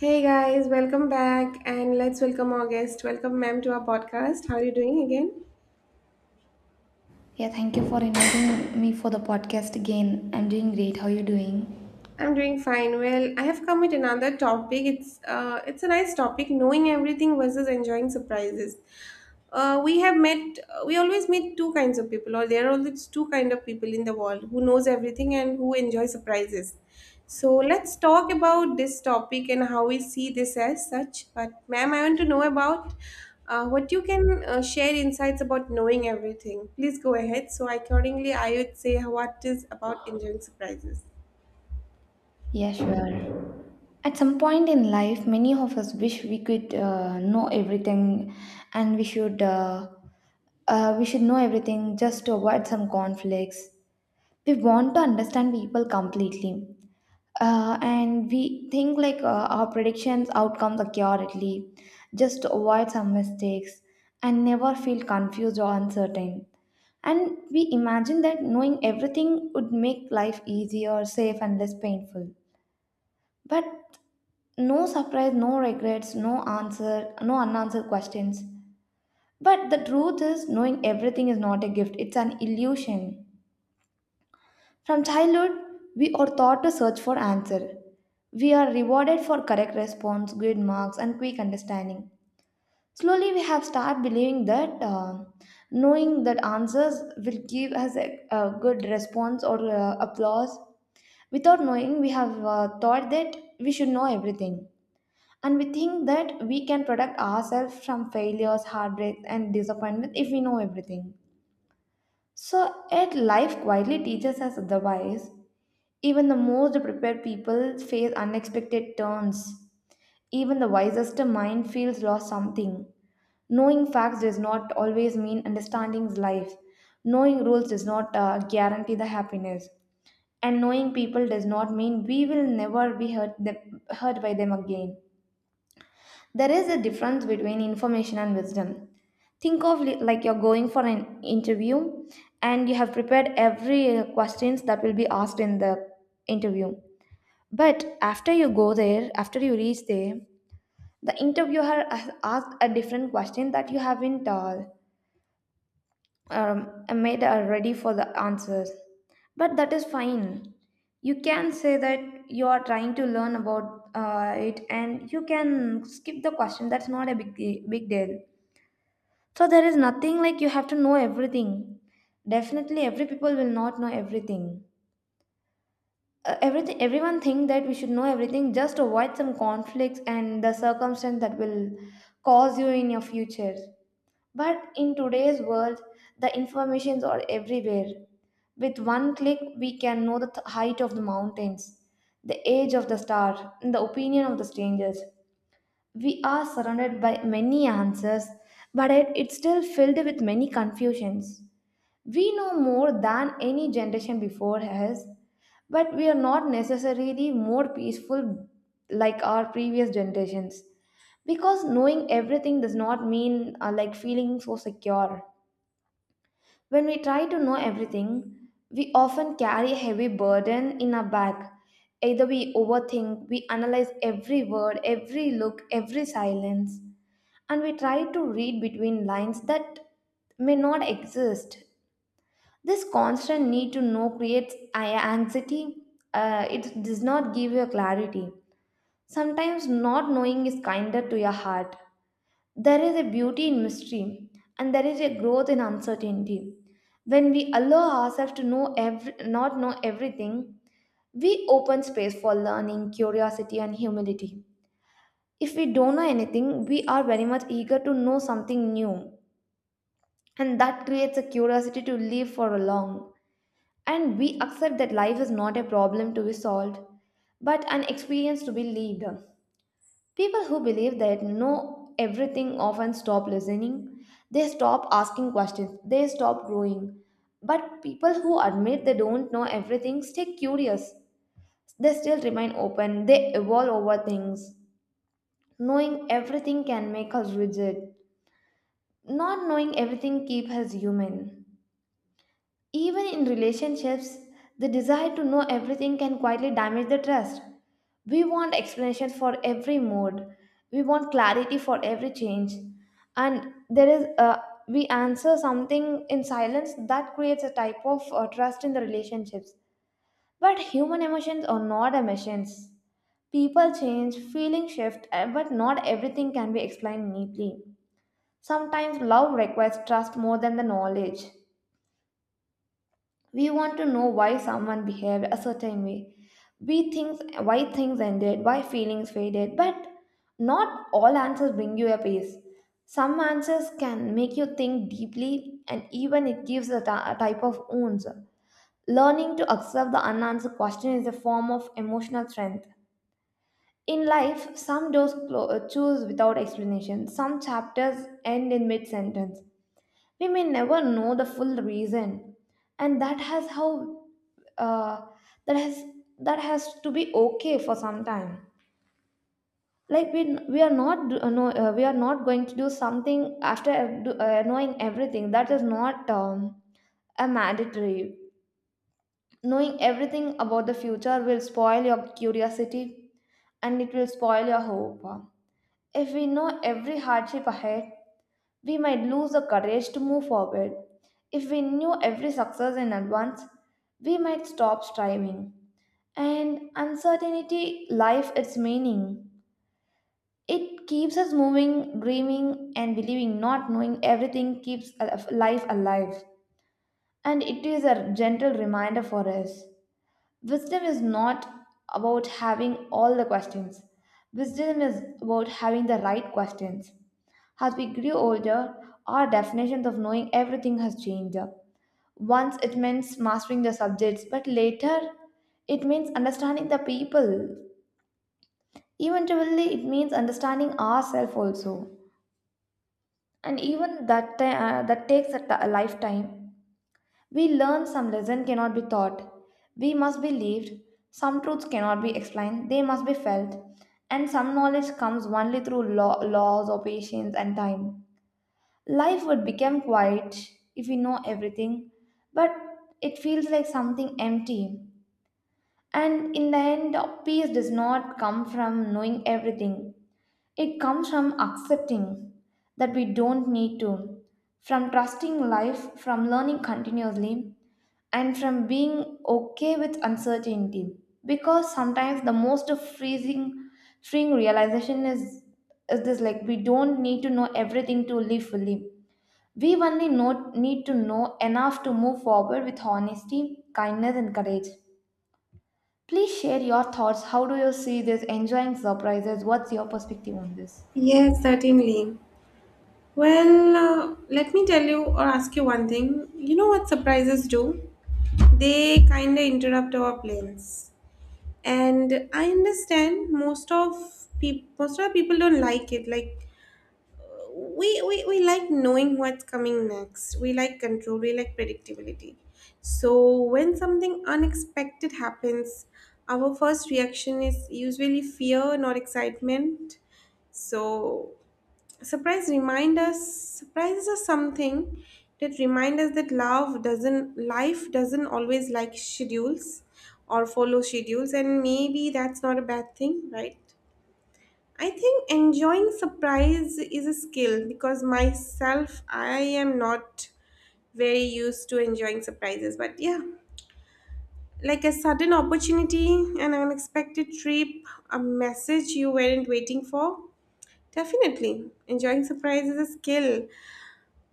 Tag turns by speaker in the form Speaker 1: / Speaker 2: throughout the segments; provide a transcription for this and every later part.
Speaker 1: Hey guys, welcome back and let's welcome our guest. Welcome, ma'am, to our podcast. How are you doing again?
Speaker 2: Yeah, thank you for inviting me for the podcast again. I'm doing great. How are you doing?
Speaker 1: I'm doing fine. Well, I have come with another topic. It's a nice topic, knowing everything versus enjoying surprises. We have met. We always meet two kinds of people, or there are always two kind of people in the world who knows everything and who enjoy surprises. So let's talk about this topic and how we see this as such. But ma'am, I want to know about what you can share insights about knowing everything. Please go ahead. So accordingly, I would say what is about enjoying surprises.
Speaker 2: Yeah, sure. At some point in life, many of us wish we could know everything, and we should know everything just to avoid some conflicts. We want to understand people completely, and we think like our predictions outcomes accurately, just to avoid some mistakes, and never feel confused or uncertain. And we imagine that knowing everything would make life easier, safe, and less painful. But no surprise, no regrets, no answer, no unanswered questions. But the truth is, knowing everything is not a gift, it's an illusion. From childhood, we are taught to search for answer. We are rewarded for correct response, good marks, and quick understanding. Slowly, we have started believing that knowing that answers will give us a good response or applause. Without knowing, we have thought that we should know everything. And we think that we can protect ourselves from failures, heartbreaks, and disappointment if we know everything. So, yet life quietly teaches us otherwise. Even the most prepared people face unexpected turns. Even the wisest mind feels lost something. Knowing facts does not always mean understanding life. Knowing rules does not guarantee the happiness. And knowing people does not mean we will never be hurt by them again. There is a difference between information and wisdom. Like you're going for an interview and you have prepared every questions that will be asked in the interview. But after you go there, after you reach there, the interviewer has asked a different question that you haven't made ready for the answers. But that is fine. You can say that you are trying to learn about it and you can skip the question. That's not a big deal. So there is nothing like you have to know everything. Definitely, every people will not know everything. Everyone think that we should know everything. Just to avoid some conflicts and the circumstance that will cause you in your future. But in today's world, the informations are everywhere. With one click, we can know the height of the mountains, the age of the star, and the opinion of the strangers. We are surrounded by many answers, but it's still filled with many confusions. We know more than any generation before us, but we are not necessarily more peaceful like our previous generations. Because knowing everything does not mean like feeling so secure. When we try to know everything, we often carry a heavy burden in our back. Either we overthink, we analyze every word, every look, every silence, and we try to read between lines that may not exist. This constant need to know creates anxiety. It does not give you clarity. Sometimes not knowing is kinder to your heart. There is a beauty in mystery, and there is a growth in uncertainty. When we allow ourselves to not know everything, we open space for learning, curiosity, and humility. If we don't know anything, we are very much eager to know something new, and that creates a curiosity to live for long. And we accept that life is not a problem to be solved, but an experience to be lived. People who believe they know everything often stop listening, they stop asking questions, they stop growing. But people who admit they don't know everything stay curious, they still remain open, they evolve over things. Knowing everything can make us rigid, not knowing everything keeps us human. Even in relationships, the desire to know everything can quietly damage the trust. We want explanations for every mood. We want clarity for every change. And there is a we answer something in silence that creates a type of trust in the relationships. But human emotions are not emotions. People change, feelings shift, but not everything can be explained neatly. Sometimes love requires trust more than the knowledge. We want to know why someone behaved a certain way. We things why things ended, why feelings faded, but not all answers bring you a peace. Some answers can make you think deeply and even it gives a type of wounds. Learning to accept the unanswered question is a form of emotional strength. In life, some doors choose without explanation. Some chapters end in mid sentence, we may never know the full reason, and that has how uh, that has that has to be okay for some time, like we are not do- no, we are not going to do something after knowing everything. That is not a mandatory. Knowing everything about the future will spoil your curiosity, and it will spoil your hope. If we know every hardship ahead, we might lose the courage to move forward. If we knew every success in advance, we might stop striving. And uncertainty, life, its meaning. It keeps us moving, dreaming, and believing. Not knowing everything keeps life alive. And it is a gentle reminder for us. Wisdom is not about having all the questions. Wisdom is about having the right questions. As we grew older, our definitions of knowing everything has changed. Once it means mastering the subjects, but later it means understanding the people. Eventually, it means understanding ourselves also. And even that, that takes a lifetime. We learn some lesson cannot be taught. We must be lived. Some truths cannot be explained. They must be felt. And some knowledge comes only through laws or patience and time. Life would become quiet if we know everything, but it feels like something empty. And in the end, peace does not come from knowing everything. It comes from accepting that we don't need to, from trusting life, from learning continuously, and from being okay with uncertainty. Because sometimes the freeing realization is this, like we don't need to know everything to live fully. We need to know enough to move forward with honesty, kindness, and courage. Please share your thoughts. How do you see this? Enjoying surprises. What's your perspective on this?
Speaker 1: Yes, certainly. Well, let me tell you or ask you one thing. You know what surprises do? They kind of interrupt our plans. And I understand most of people, most of our people don't like it. Like we like knowing what's coming next. We like control, we like predictability. So when something unexpected happens, our first reaction is usually fear, not excitement. So surprise remind us surprises are something that remind us that love doesn't life doesn't always like schedules or follow schedules, and maybe that's not a bad thing, right? I think enjoying surprise is a skill, because myself, I am not very used to enjoying surprises. But yeah, like a sudden opportunity, an unexpected trip, a message you weren't waiting for. Definitely enjoying surprise is a skill.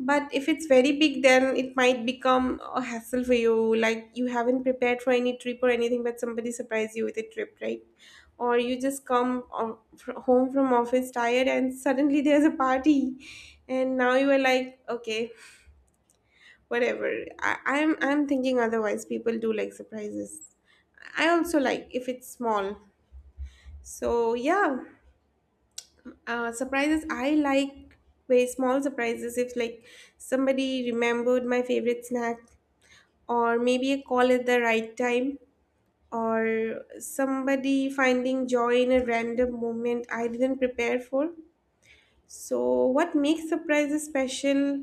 Speaker 1: But if it's very big, then it might become a hassle for you. Like you haven't prepared for any trip or anything, but somebody surprised you with a trip, right? Or you just come home from office tired and suddenly there's a party, and now you are like, okay, whatever. I'm thinking otherwise. People do like surprises. I also like if it's small. So yeah, surprises. I like very small surprises. If like somebody remembered my favorite snack, or maybe a call at the right time, or somebody finding joy in a random moment I didn't prepare for. So, what makes surprises special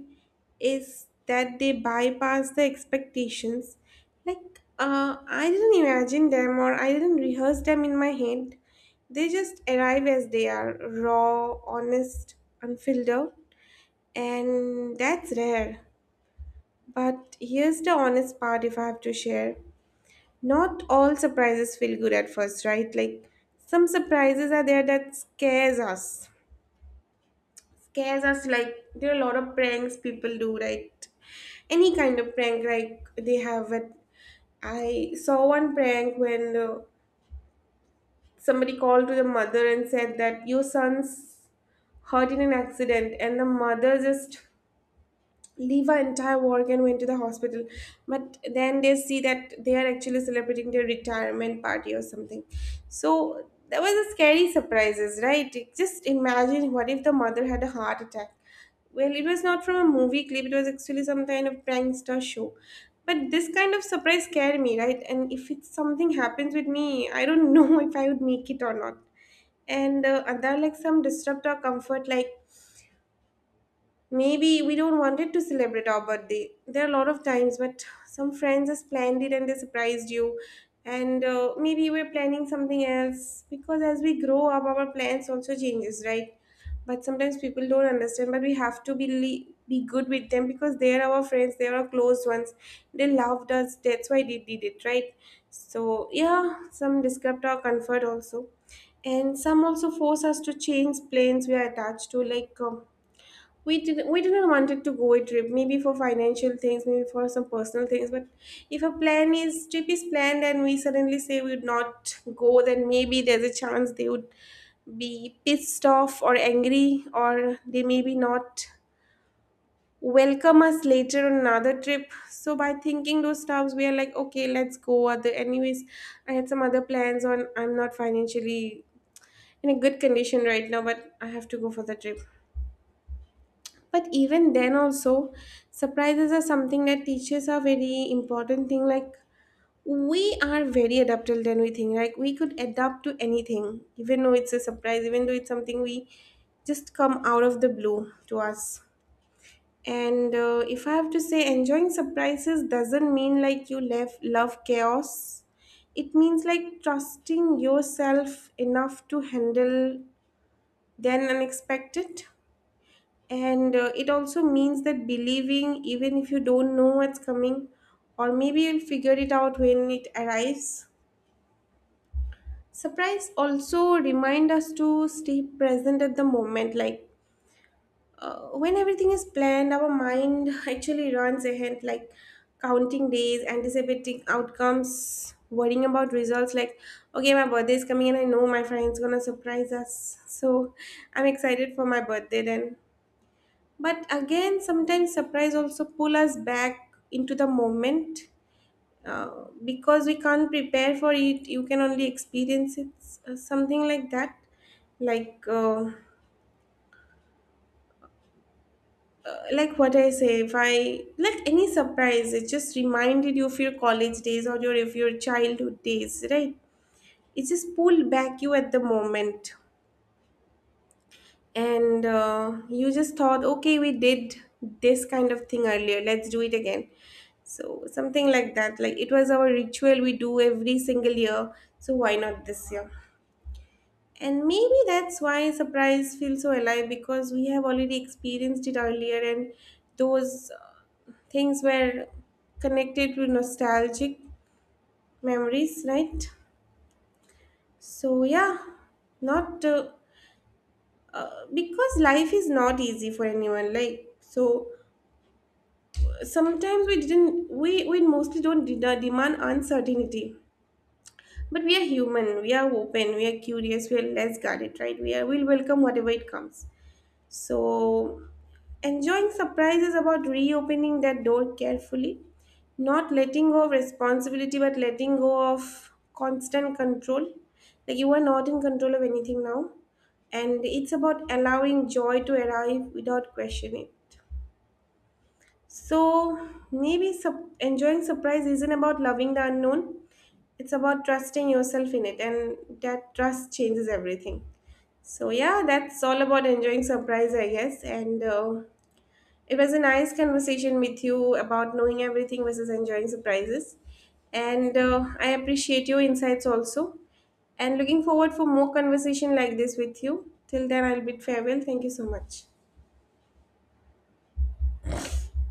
Speaker 1: is that they bypass the expectations. Like, I didn't imagine them or I didn't rehearse them in my head. They just arrive as they are, raw, honest, unfiltered, and that's rare. But here's the honest part if I have to share. Not all surprises feel good at first, right? Like some surprises are there that scares us. Scares us, like there are a lot of pranks people do, right? Any kind of prank, like they have it. I saw one prank when somebody called to the mother and said that your son's hurt in an accident, and the mother just leave our entire work and went to the hospital, but then they see that they are actually celebrating their retirement party or something. So there was a scary surprises, right? Just imagine what if the mother had a heart attack. Well, it was not from a movie clip, it was actually some kind of prankster show. But this kind of surprise scared me, right? And if it's something happens with me, I don't know if I would make it or not. And are there are like some disrupt our comfort, like maybe we don't wanted to celebrate our birthday. There are a lot of times, but some friends are splendid and they surprised you. And maybe we're planning something else, because as we grow up, our plans also changes, right? But sometimes people don't understand. But we have to be be good with them, because they are our friends. They are our close ones. They loved us. That's why they did it, right? So yeah, some disrupt our comfort also, and some also force us to change planes we are attached to, like. We didn't wanted to go a trip, maybe for financial things, maybe for some personal things. But if a plan is trip is planned and we suddenly say we would not go, then maybe there's a chance they would be pissed off or angry, or they maybe not welcome us later on another trip. So by thinking those stuffs, we are like, okay, let's go other anyways. I had some other plans on. I'm not financially in a good condition right now, but I have to go for the trip. But even then, also, surprises are something that teaches are very important thing. Like we are very adaptable than we think. Like we could adapt to anything, even though it's a surprise, even though it's something we just come out of the blue to us. And if I have to say, enjoying surprises doesn't mean like you love chaos. It means like trusting yourself enough to handle then unexpected. And it also means that believing, even if you don't know what's coming, or maybe you'll figure it out when it arrives. Surprise also remind us to stay present at the moment. Like when everything is planned, our mind actually runs ahead, like counting days, anticipating outcomes, worrying about results. Like, okay, my birthday is coming, and I know my friend's gonna surprise us. So I'm excited for my birthday then. But again, sometimes surprise also pull us back into the moment, because we can't prepare for it. You can only experience it, something like that. Like, uh, like what I say, if I like any surprise, it just reminded you of your college days or your of your childhood days, right? It just pulled back you at the moment. And you just thought, okay, we did this kind of thing earlier, let's do it again. So something like that, like it was our ritual we do every single year, so why not this year? And maybe that's why surprise feels so alive, because we have already experienced it earlier, and those things were connected to nostalgic memories, right? So yeah, not because life is not easy for anyone, like. So sometimes we didn't we mostly don't demand uncertainty, but we are human, we are open, we are curious, we are less guarded, right? We'll welcome whatever it comes. So enjoying surprise is about reopening that door carefully, not letting go of responsibility but letting go of constant control. Like you are not in control of anything now. And it's about allowing joy to arrive without questioning it. So maybe enjoying surprise isn't about loving the unknown. It's about trusting yourself in it, and that trust changes everything. So yeah, that's all about enjoying surprise, I guess. And it was a nice conversation with you about knowing everything versus enjoying surprises. And I appreciate your insights also. And looking forward for more conversation like this with you. Till then, I'll bid farewell. Thank you so much.